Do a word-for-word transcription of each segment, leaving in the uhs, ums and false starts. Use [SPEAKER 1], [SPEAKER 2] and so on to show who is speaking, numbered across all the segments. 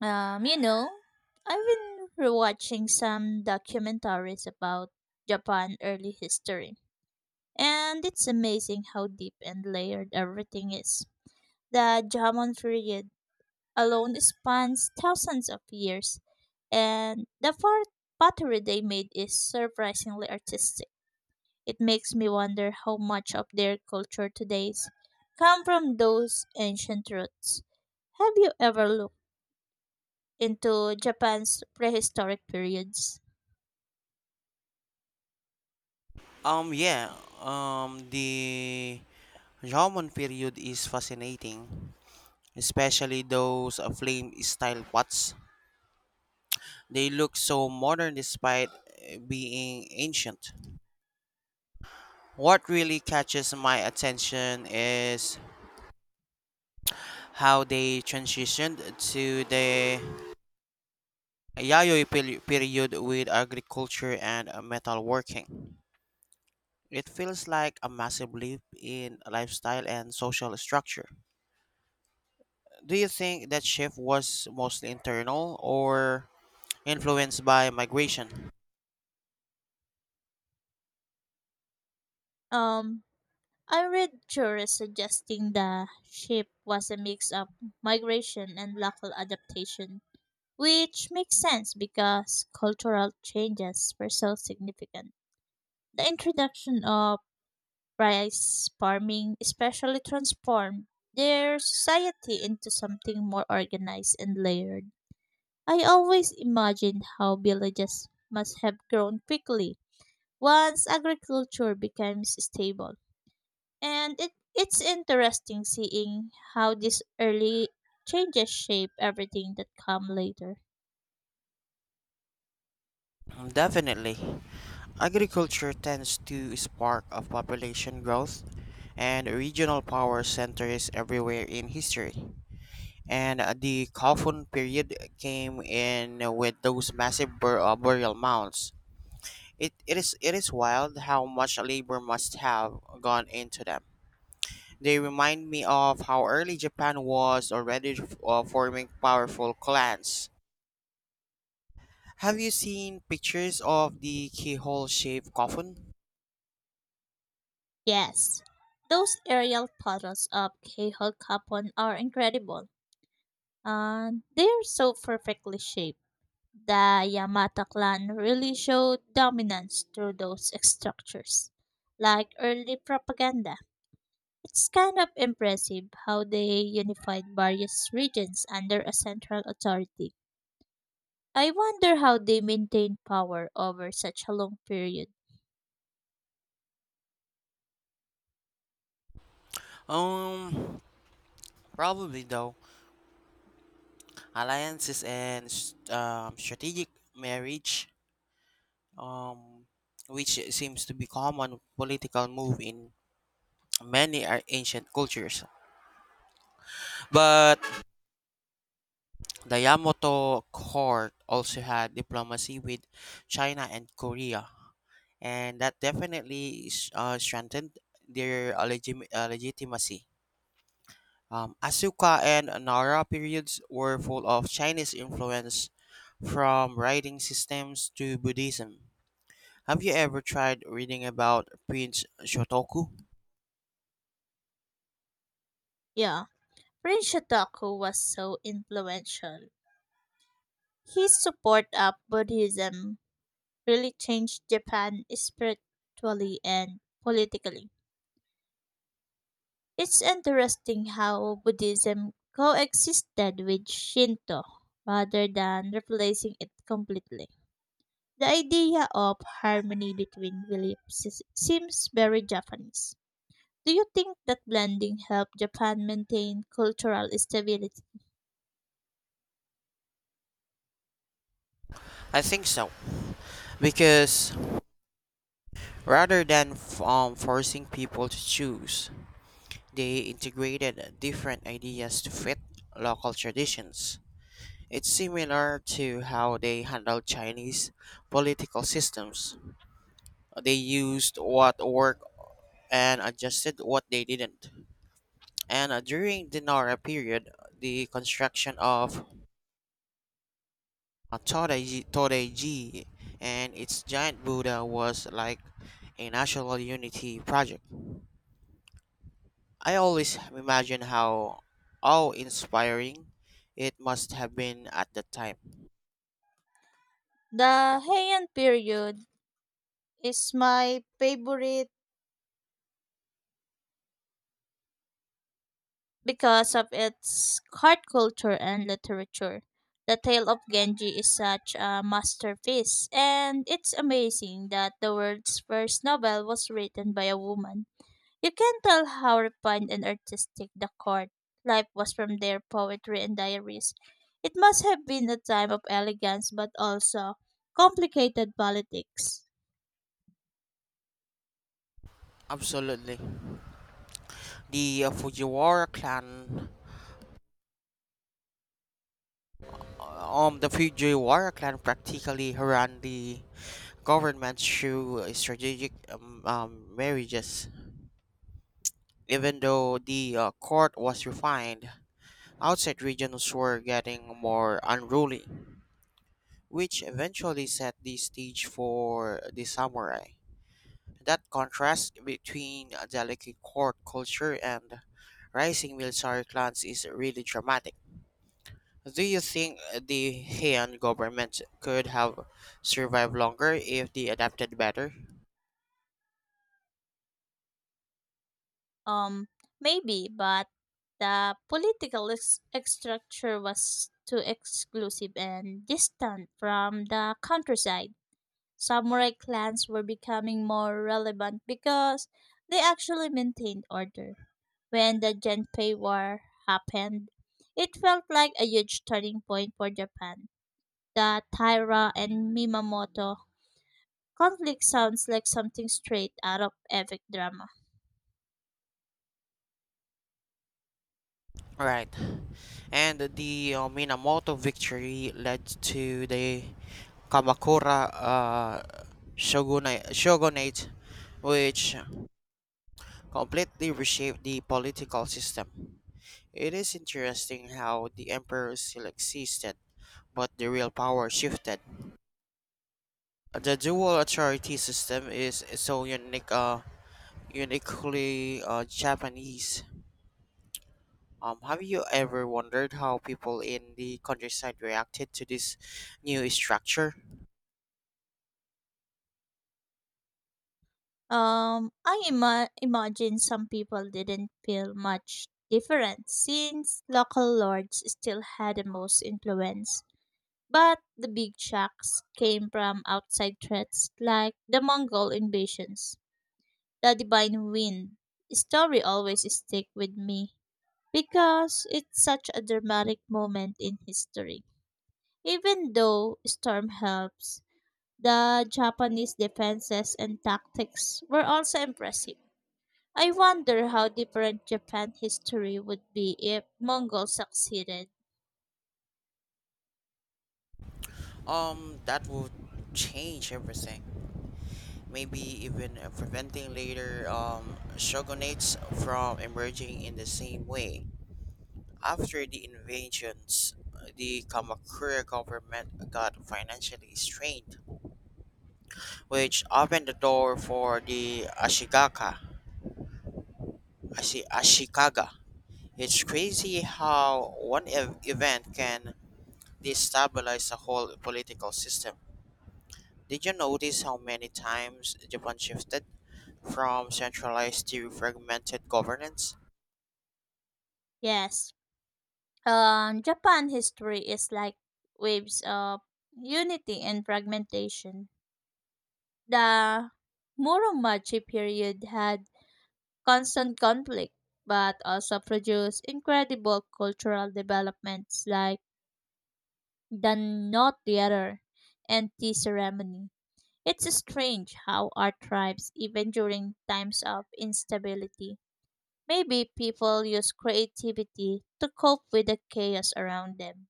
[SPEAKER 1] Um, you know, I've been rewatching some documentaries about Japan early history, and it's amazing how deep and layered everything is. The Jomon period alone spans thousands of years, and the fort pottery they made is surprisingly artistic. It makes me wonder how much of their culture today's come from those ancient roots. Have you ever into Japan's prehistoric periods?
[SPEAKER 2] Um, yeah, um, the Roman period is fascinating, especially those uh, flame style pots. They look so modern despite uh, being ancient. What really catches my attention is how they transitioned to the Yayoi peri- period with agriculture and uh, metalworking. It feels like a massive leap in lifestyle and social structure. Do you think that shift was mostly internal or influenced by migration?
[SPEAKER 1] Um, I read tourists suggesting the ship was a mix of migration and local adaptation, which makes sense because cultural changes were so significant. The introduction of rice farming especially transformed their society into something more organized and layered. I always imagined how villages must have grown quickly once agriculture becomes stable. And it, it's interesting seeing how these early changes shape everything that come later.
[SPEAKER 2] Mm, definitely. Agriculture tends to spark of population growth, and regional power centers everywhere in history. And uh, the Kofun period came in with those massive bur- uh, burial mounds. It, it is it is wild how much labor must have gone into them. They remind me of how early Japan was already uh, forming powerful clans. Have you seen pictures of the keyhole shaped coffin?
[SPEAKER 1] Yes, those aerial photos of Kehol Kapon are incredible. And they're so perfectly shaped. The Yamata clan really showed dominance through those structures, like early propaganda. It's kind of impressive how they unified various regions under a central authority. I wonder how they maintained power over such a long period.
[SPEAKER 2] Um, probably though. Alliances and s- um, strategic marriage, um, which seems to be common political move in many ar- ancient cultures. But the Yamato court also had diplomacy with China and Korea. And that definitely s- uh, strengthened their uh, legim- uh, legitimacy. Um, Asuka and Nara periods were full of Chinese influence, from writing systems to Buddhism. Have you ever tried reading about Prince Shotoku?
[SPEAKER 1] Yeah, Prince Shotaku was so influential. His support of Buddhism really changed Japan spiritually and politically. It's interesting how Buddhism coexisted with Shinto rather than replacing it completely. The idea of harmony between beliefs s- seems very Japanese. Do you think that blending helped Japan maintain cultural stability?
[SPEAKER 2] I think so, because rather than f- um, forcing people to choose, they integrated different ideas to fit local traditions. It's similar to how they handled Chinese political systems. They used what worked and adjusted what they didn't. And uh, during the Nara period, the construction of uh, Todaiji Todaiji and its giant Buddha was like a national unity project. I always imagine how awe-inspiring it must have been at the time.
[SPEAKER 1] The Heian period is my favorite because of its art culture and literature. The Tale of Genji is such a masterpiece, and it's amazing that the world's first novel was written by a woman. You can tell how refined and artistic the court life was from their poetry and diaries. It must have been a time of elegance but also complicated politics.
[SPEAKER 2] Absolutely. The uh, Fujiwara clan Uh, Um, the Fujiwara clan practically ran the government through strategic um, um, marriages. Even though the uh, court was refined, outside regions were getting more unruly, which eventually set the stage for the samurai. That contrast between a delicate court culture and rising military clans is really dramatic. Do you think the Heian government could have survived longer if they adapted better?
[SPEAKER 1] Um, Maybe, but the political ex- structure was too exclusive and distant from the countryside. Samurai clans were becoming more relevant because they actually maintained order. When the Genpei War happened, it felt like a huge turning point for Japan. The Taira and Mimamoto conflict sounds like something straight out of epic drama.
[SPEAKER 2] Right. And the uh, Minamoto victory led to the Kamakura uh, shogunate, shogunate, which completely reshaped the political system. It is interesting how the emperor still existed, but the real power shifted. The dual authority system is so unique. Uh, uniquely uh, Japanese. Um, have you ever wondered how people in the countryside reacted to this new structure?
[SPEAKER 1] Um, I ima- imagine some people didn't feel much different since local lords still had the most influence. But the big shocks came from outside threats like the Mongol invasions. The Divine Wind story always stick with me because it's such a dramatic moment in history. Even though storm helps, the Japanese defenses and tactics were also impressive. I wonder how different Japan history would be if Mongols succeeded.
[SPEAKER 2] Um, that would change everything. Maybe even uh, preventing later um, shogunates from emerging in the same way. After the invasions, the Kamakura government got financially strained, which opened the door for the Ashigaka, Ashi- Ashikaga. It's crazy how one ev- event can destabilize a whole political system. Did you notice how many times Japan shifted from centralized to fragmented governance?
[SPEAKER 1] Yes. Um, Japan history is like waves of unity and fragmentation. The Muromachi period had constant conflict, but also produced incredible cultural developments like the Knot Theater and tea ceremony. It's strange how art thrives even during times of instability. Maybe people use creativity to cope with the chaos around them.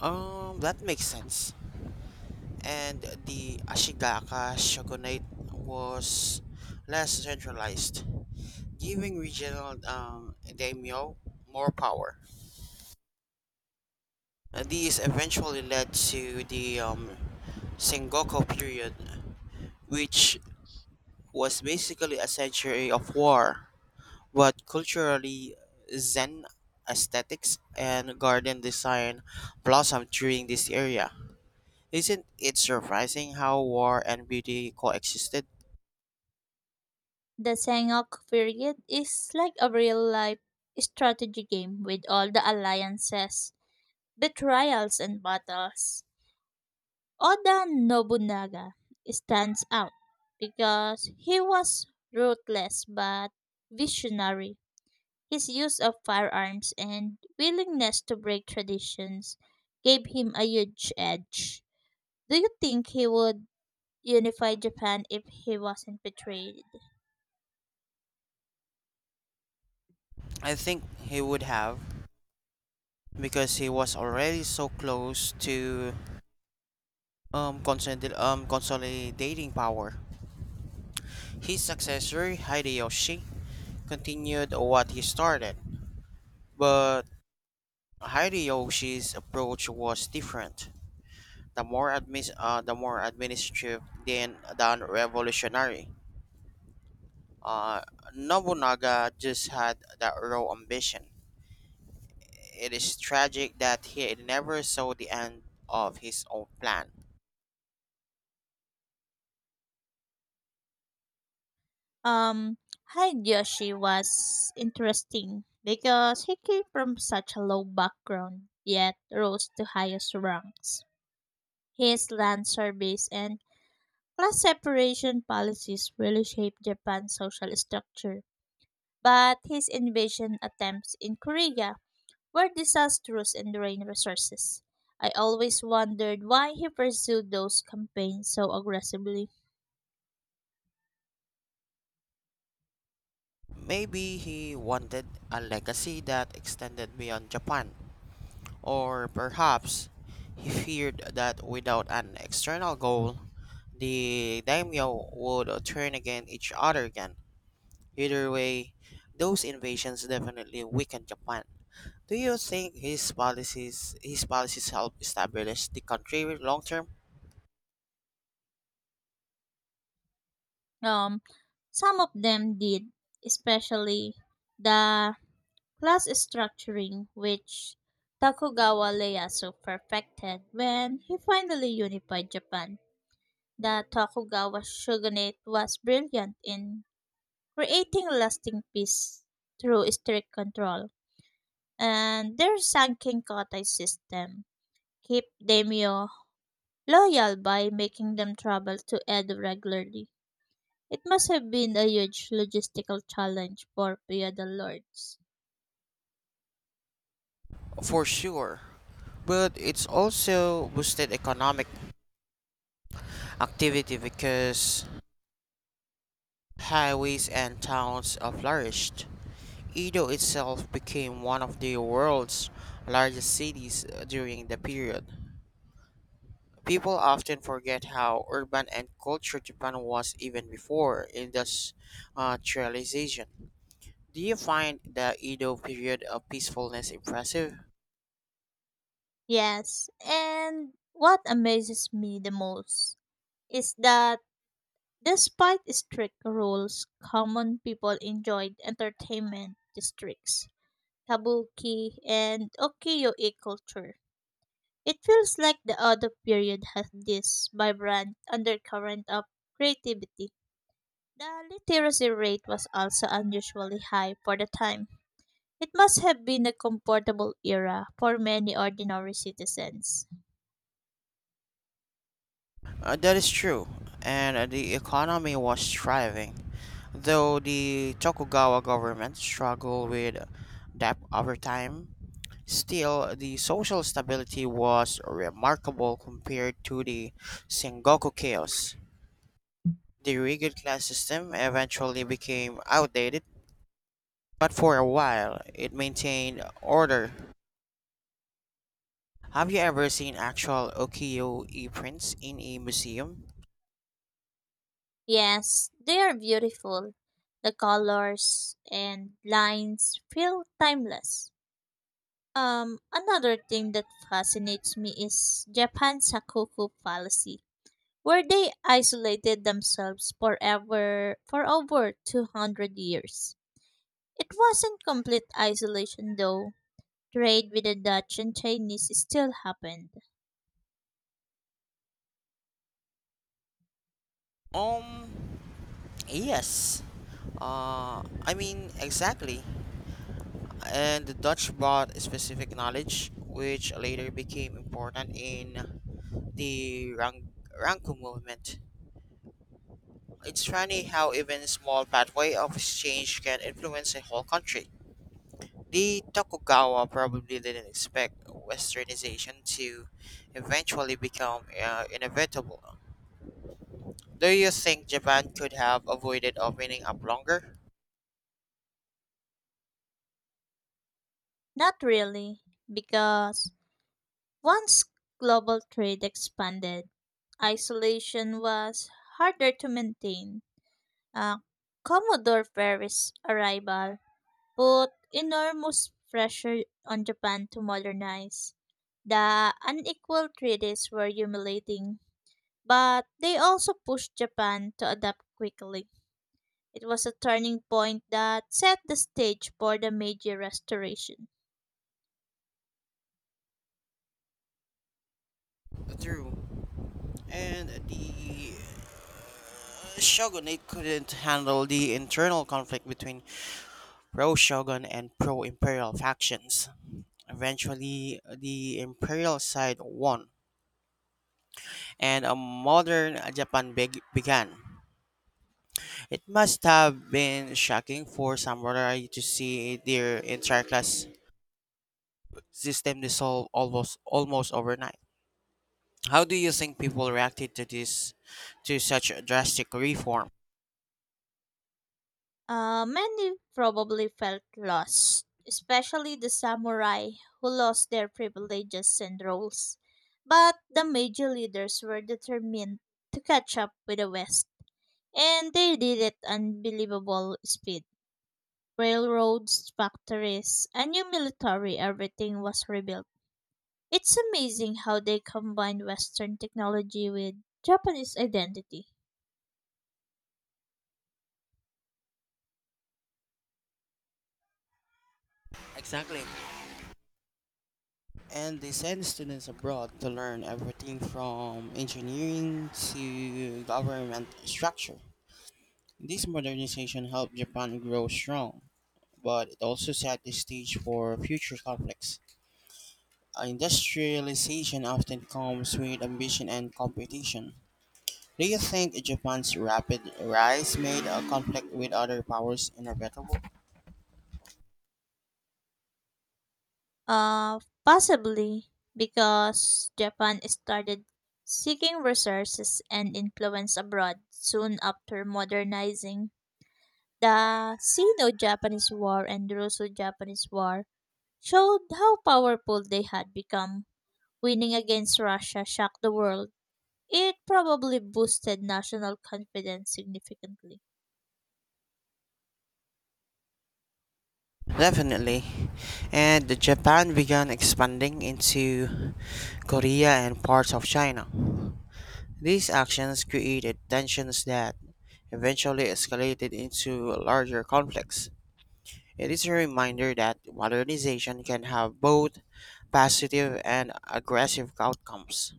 [SPEAKER 2] Um, that makes sense. And the Ashigaka shogunate was less centralized, giving regional um, daimyo more power. And these eventually led to the um, Sengoku period, which was basically a century of war, but culturally, Zen aesthetics and garden design blossomed during this era. Isn't it surprising how war and beauty coexisted?
[SPEAKER 1] The Sangok period is like a real life strategy game with all the alliances, betrayals, and battles. Oda Nobunaga stands out because he was ruthless but visionary. His use of firearms and willingness to break traditions gave him a huge edge. Do you think he would unify Japan if he wasn't betrayed?
[SPEAKER 2] I think he would have because he was already so close to um, consolid- um, consolidating power. His successor, Hideyoshi, continued what he started, but Hideyoshi's approach was different. The more admis- uh, the more administrative than than revolutionary. Uh, Nobunaga just had that raw ambition. It is tragic that he never saw the end of his own plan.
[SPEAKER 1] Um, Hideyoshi was interesting because he came from such a low background yet rose to highest ranks. His land service and class separation policies really shaped Japan's social structure, but his invasion attempts in Korea were disastrous and drained resources. I always wondered why he pursued those campaigns so aggressively.
[SPEAKER 2] Maybe he wanted a legacy that extended beyond Japan, or perhaps he feared that without an external goal, the daimyo would turn against each other again. Either way, those invasions definitely weakened Japan. Do you think his policies his policies helped establish the country long term?
[SPEAKER 1] Um, some of them did, especially the class structuring, which Tokugawa Ieyasu perfected when he finally unified Japan. The Tokugawa shogunate was brilliant in creating lasting peace through strict control, and their Sankin Kotai system kept daimyo loyal by making them travel to Edo regularly. It must have been a huge logistical challenge for Pia del Lords.
[SPEAKER 2] For sure. But it's also boosted economic activity because highways and towns uh, flourished. Edo itself became one of the world's largest cities uh, during the period. People often forget how urban and cultural Japan was even before industrialization. Do you find the Edo period of peacefulness impressive?
[SPEAKER 1] Yes, and what amazes me the most is that despite strict rules, common people enjoyed entertainment districts, kabuki, and ukiyo-e culture. It feels like the Odo period has this vibrant undercurrent of creativity. The literacy rate was also unusually high for the time. It must have been a comfortable era for many ordinary citizens.
[SPEAKER 2] Uh, that is true, and the economy was thriving, though the Tokugawa government struggled with debt over time. Still, the social stability was remarkable compared to the Sengoku chaos. The rigid class system eventually became outdated, but for a while it maintained order. Have you ever seen actual ukiyo-e prints in a museum?
[SPEAKER 1] Yes, they are beautiful. The colors and lines feel timeless. Um, another thing that fascinates me is Japan's Sakoku policy, where they isolated themselves forever for over two hundred years. It wasn't complete isolation though. Trade with the Dutch and Chinese still happened?
[SPEAKER 2] Um, yes. Uh, I mean, exactly. And the Dutch brought specific knowledge, which later became important in the Rang- Rangko movement. It's funny how even small pathway of exchange can influence a whole country. The Tokugawa probably didn't expect westernization to eventually become uh, inevitable. Do you think Japan could have avoided opening up longer?
[SPEAKER 1] Not really, because once global trade expanded, isolation was harder to maintain. Uh, Commodore Perry's arrival put enormous pressure on Japan to modernize. The unequal treaties were humiliating, but they also pushed Japan to adapt quickly. It was a turning point that set the stage for the Meiji Restoration.
[SPEAKER 2] True. And the uh, shogunate couldn't handle the internal conflict between pro shogun and pro imperial factions. Eventually, the imperial side won, and a modern Japan beg- began. It must have been shocking for samurai to see their entire class system dissolve almost almost overnight. How do you think people reacted to this to such a drastic reform?
[SPEAKER 1] Uh, many probably felt lost, especially the samurai who lost their privileges and roles. But the Meiji leaders were determined to catch up with the West, and they did it unbelievable speed. Railroads, factories, a new military, everything was rebuilt. It's amazing how they combined Western technology with Japanese identity.
[SPEAKER 2] Exactly. And they send students abroad to learn everything from engineering to government structure. This modernization helped Japan grow strong, but it also set the stage for future conflicts. Industrialization often comes with ambition and competition. Do you think Japan's rapid rise made a conflict with other powers inevitable?
[SPEAKER 1] Uh, possibly because Japan started seeking resources and influence abroad soon after modernizing. The Sino Japanese War and Russo Japanese War showed how powerful they had become. Winning against Russia shocked the world. It probably boosted national confidence significantly.
[SPEAKER 2] Definitely. And Japan began expanding into Korea and parts of China. These actions created tensions that eventually escalated into larger conflicts. It is a reminder that modernization can have both positive and aggressive outcomes.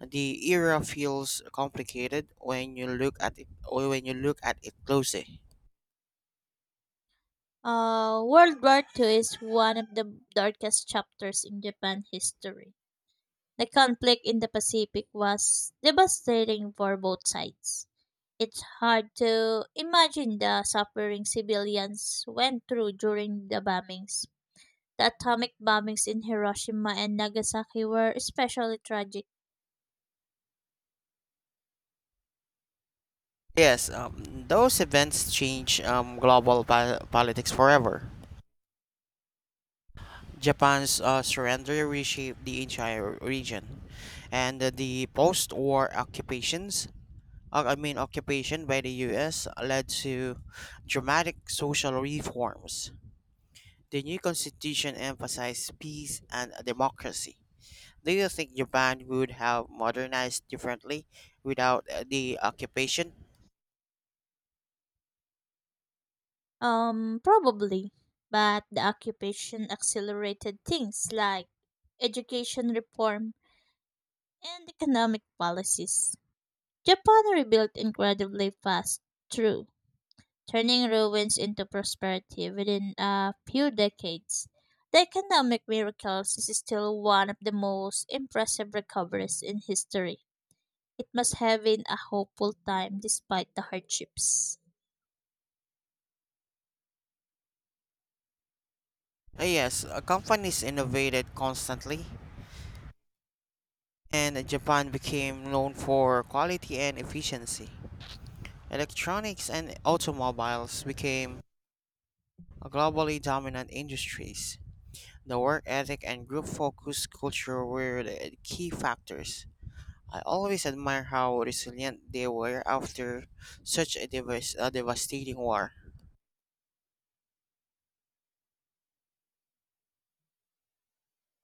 [SPEAKER 2] The era feels complicated when you look at it or when you look at it closely.
[SPEAKER 1] Uh, World War I I is one of the darkest chapters in Japan history. The conflict in the Pacific was devastating for both sides. It's hard to imagine the suffering civilians went through during the bombings. The atomic bombings in Hiroshima and Nagasaki were especially tragic.
[SPEAKER 2] Yes, um, those events change um, global po- politics forever. Japan's uh, surrender reshaped the entire region, and the post-war occupations, uh, I mean occupation by the U S led to dramatic social reforms. The new constitution emphasized peace and democracy. Do you think Japan would have modernized differently without uh, the occupation?
[SPEAKER 1] Um, probably. But the occupation accelerated things like education reform and economic policies. Japan rebuilt incredibly fast, true turning ruins into prosperity within a few decades. The economic miracles is still one of the most impressive recoveries in history. It must have been a hopeful time despite the hardships.
[SPEAKER 2] Uh, Yes, uh, companies innovated constantly, and Japan became known for quality and efficiency. Electronics and automobiles became a globally dominant industries. The work ethic and group focus culture were the key factors. I always admire how resilient they were after such a, devas- a devastating war.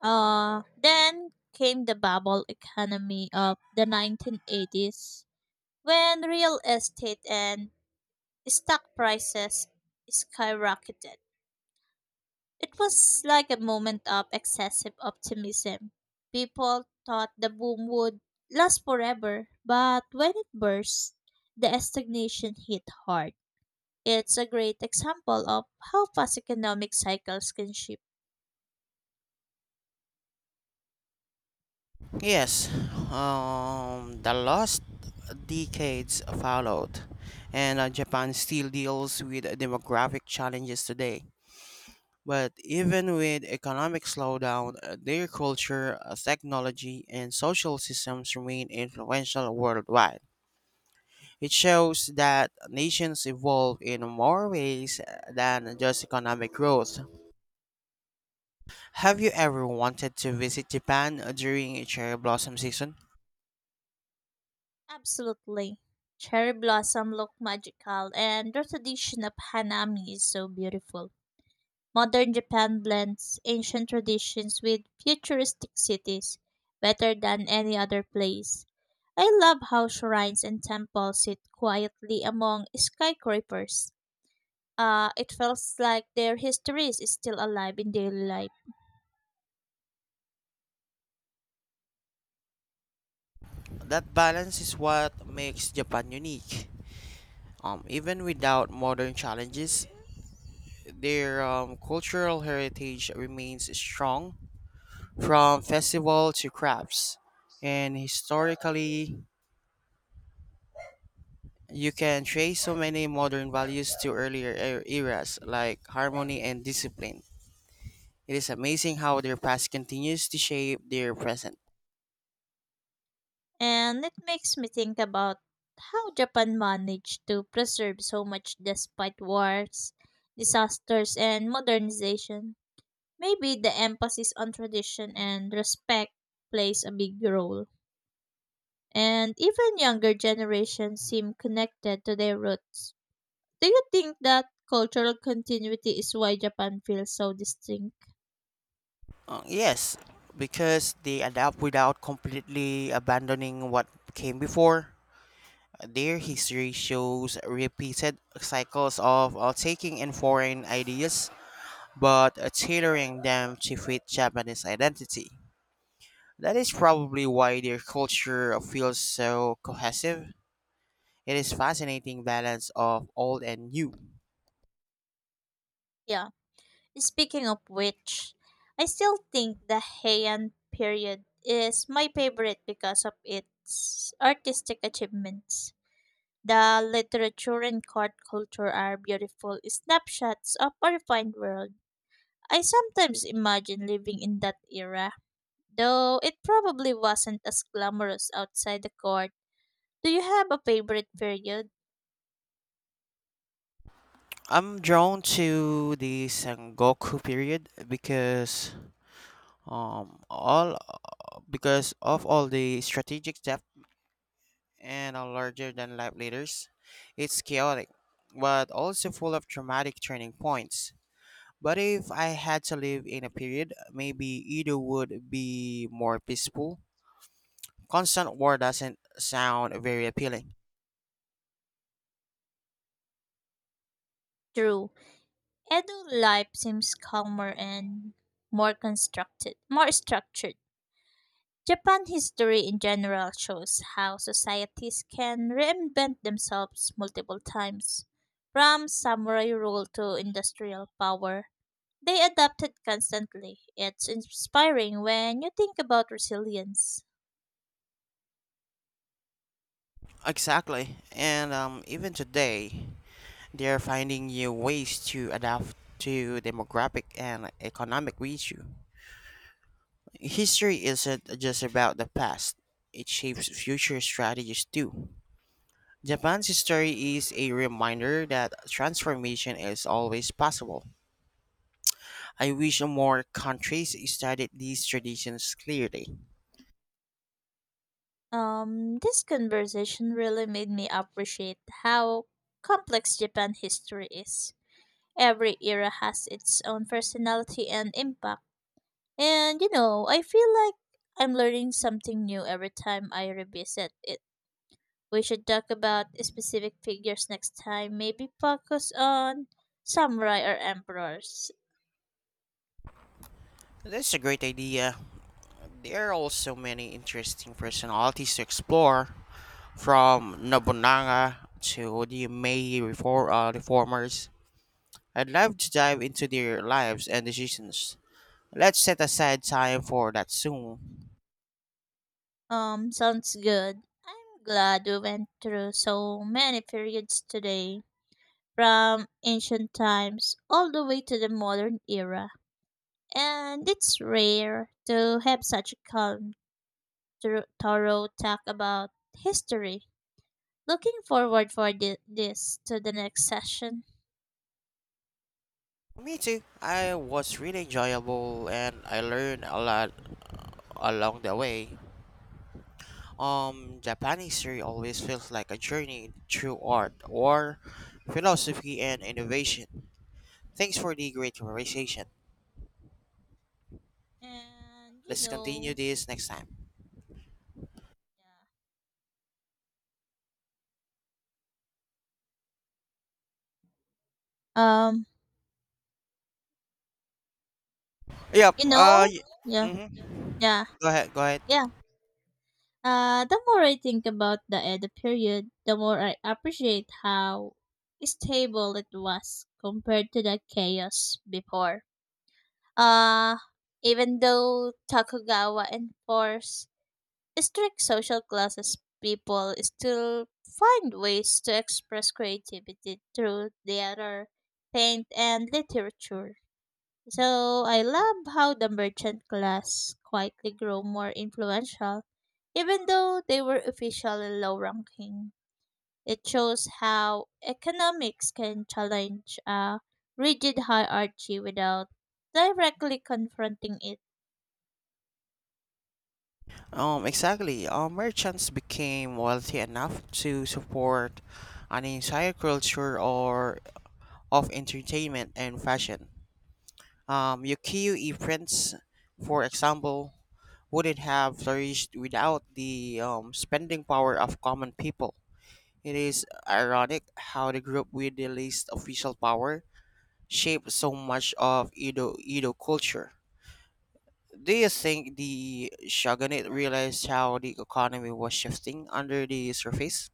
[SPEAKER 1] Uh, then came the bubble economy of the nineteen eighties when real estate and stock prices skyrocketed. It was like a moment of excessive optimism. People thought the boom would last forever, but when it burst, the stagnation hit hard. It's a great example of how fast economic cycles can shift.
[SPEAKER 2] Yes, um, the last decades followed, and uh, Japan still deals with demographic challenges today. But even with economic slowdown, uh, their culture, uh, technology, and social systems remain influential worldwide. It shows that nations evolve in more ways uh, than just economic growth. Have you ever wanted to visit Japan uh, during cherry blossom season?
[SPEAKER 1] Absolutely. Cherry blossom look magical and the tradition of hanami is so beautiful. Modern Japan blends ancient traditions with futuristic cities better than any other place. I love how shrines and temples sit quietly among skyscrapers. Uh, it feels like their history is still alive in daily life.
[SPEAKER 2] That balance is what makes Japan unique. Um, even without modern challenges, their um, cultural heritage remains strong from festival to crafts. And historically, you can trace so many modern values to earlier er- eras like harmony and discipline. It is amazing how their past continues to shape their present.
[SPEAKER 1] And it makes me think about how Japan managed to preserve so much despite wars, disasters, and modernization. Maybe the emphasis on tradition and respect plays a big role. And even younger generations seem connected to their roots. Do you think that cultural continuity is why Japan feels so distinct?
[SPEAKER 2] Uh, yes, because they adapt without completely abandoning what came before. Their history shows repeated cycles of uh, taking in foreign ideas but uh, tailoring them to fit Japanese identity. That is probably why their culture feels so cohesive. It is fascinating balance of old and new.
[SPEAKER 1] Yeah. Speaking of which, I still think the Heian period is my favorite because of its artistic achievements. The literature and court culture are beautiful snapshots of a refined world. I sometimes imagine living in that era, though it probably wasn't as glamorous outside the court. Do you have a favorite period?
[SPEAKER 2] I'm drawn to the Sengoku period because um all because of all the strategic depth and are larger than life leaders. It's chaotic, but also full of dramatic turning points. But if I had to live in a period, maybe either would be more peaceful. Constant war doesn't sound very appealing.
[SPEAKER 1] True. Edo life seems calmer and more constructed, more structured. Japan history in general shows how societies can reinvent themselves multiple times. From samurai rule to industrial power, they adapted constantly. It's inspiring when you think about resilience.
[SPEAKER 2] Exactly. And um, even today, they're finding new ways to adapt to demographic and economic issue. History isn't just about the past, it shapes future strategies too. Japan's history is a reminder that transformation is always possible. I wish more countries studied these traditions clearly.
[SPEAKER 1] Um, this conversation really made me appreciate how complex Japan history is. Every era has its own personality and impact. And you know, I feel like I'm learning something new every time I revisit it. We should talk about specific figures next time, maybe focus on samurai or emperors.
[SPEAKER 2] That's a great idea. There are also many interesting personalities to explore, from Nobunaga to the Meiji refor- uh, reformers. I'd love to dive into their lives and decisions. Let's set aside time for that soon.
[SPEAKER 1] Um, sounds good. I'm glad we went through so many periods today, from ancient times all the way to the modern era. And it's rare to have such a calm, thro- thorough talk about history. Looking forward for thi- this to the next session.
[SPEAKER 2] Me too. I was really enjoyable and I learned a lot along the way. Um, Japanese history always feels like a journey through art or philosophy and innovation. Thanks for the great conversation.
[SPEAKER 1] And you
[SPEAKER 2] Let's continue
[SPEAKER 1] know,
[SPEAKER 2] this next time.
[SPEAKER 1] yeah. Um,
[SPEAKER 2] Yep.
[SPEAKER 1] you
[SPEAKER 2] Uh.
[SPEAKER 1] know,
[SPEAKER 2] Y-
[SPEAKER 1] yeah,
[SPEAKER 2] mhm.
[SPEAKER 1] yeah,
[SPEAKER 2] Go ahead. Go ahead.
[SPEAKER 1] yeah. Uh, the more I think about the Edo period, the more I appreciate how stable it was compared to the chaos before. Uh, Even though Tokugawa enforced strict social classes people still find ways to express creativity through theater, paint, and literature. So I love how the merchant class quietly grew more influential, even though they were officially low ranking. It shows how economics can challenge a rigid hierarchy without directly confronting it.
[SPEAKER 2] Um, exactly. Uh, merchants became wealthy enough to support an entire culture or of entertainment and fashion. Um, ukiyo-e prints, for example, wouldn't have flourished without the um, spending power of common people. It is ironic how the group with the least official power shaped so much of Edo Edo culture. Do you think the shogunate realized how the economy was shifting under the surface?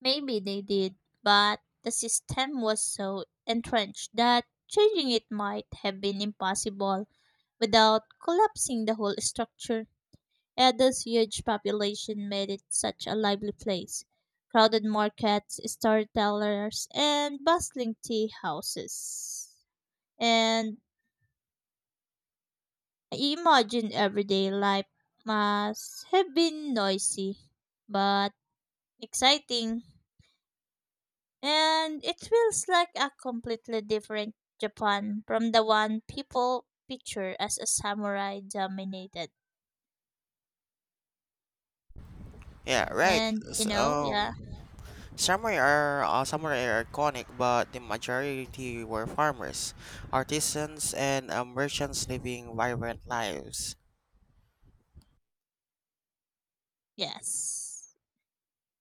[SPEAKER 1] Maybe they did, but the system was so entrenched that changing it might have been impossible without collapsing the whole structure. Edo's huge population made it such a lively place. Crowded markets, storytellers, and bustling tea houses. And I imagine everyday life must have been noisy, but exciting. And it feels like a completely different Japan from the one people picture as a samurai dominated.
[SPEAKER 2] Yeah, right.
[SPEAKER 1] And you
[SPEAKER 2] S
[SPEAKER 1] know, yeah,
[SPEAKER 2] um, samurai are uh, samurai are iconic, but the majority were farmers, artisans, and uh, merchants living vibrant lives.
[SPEAKER 1] yes.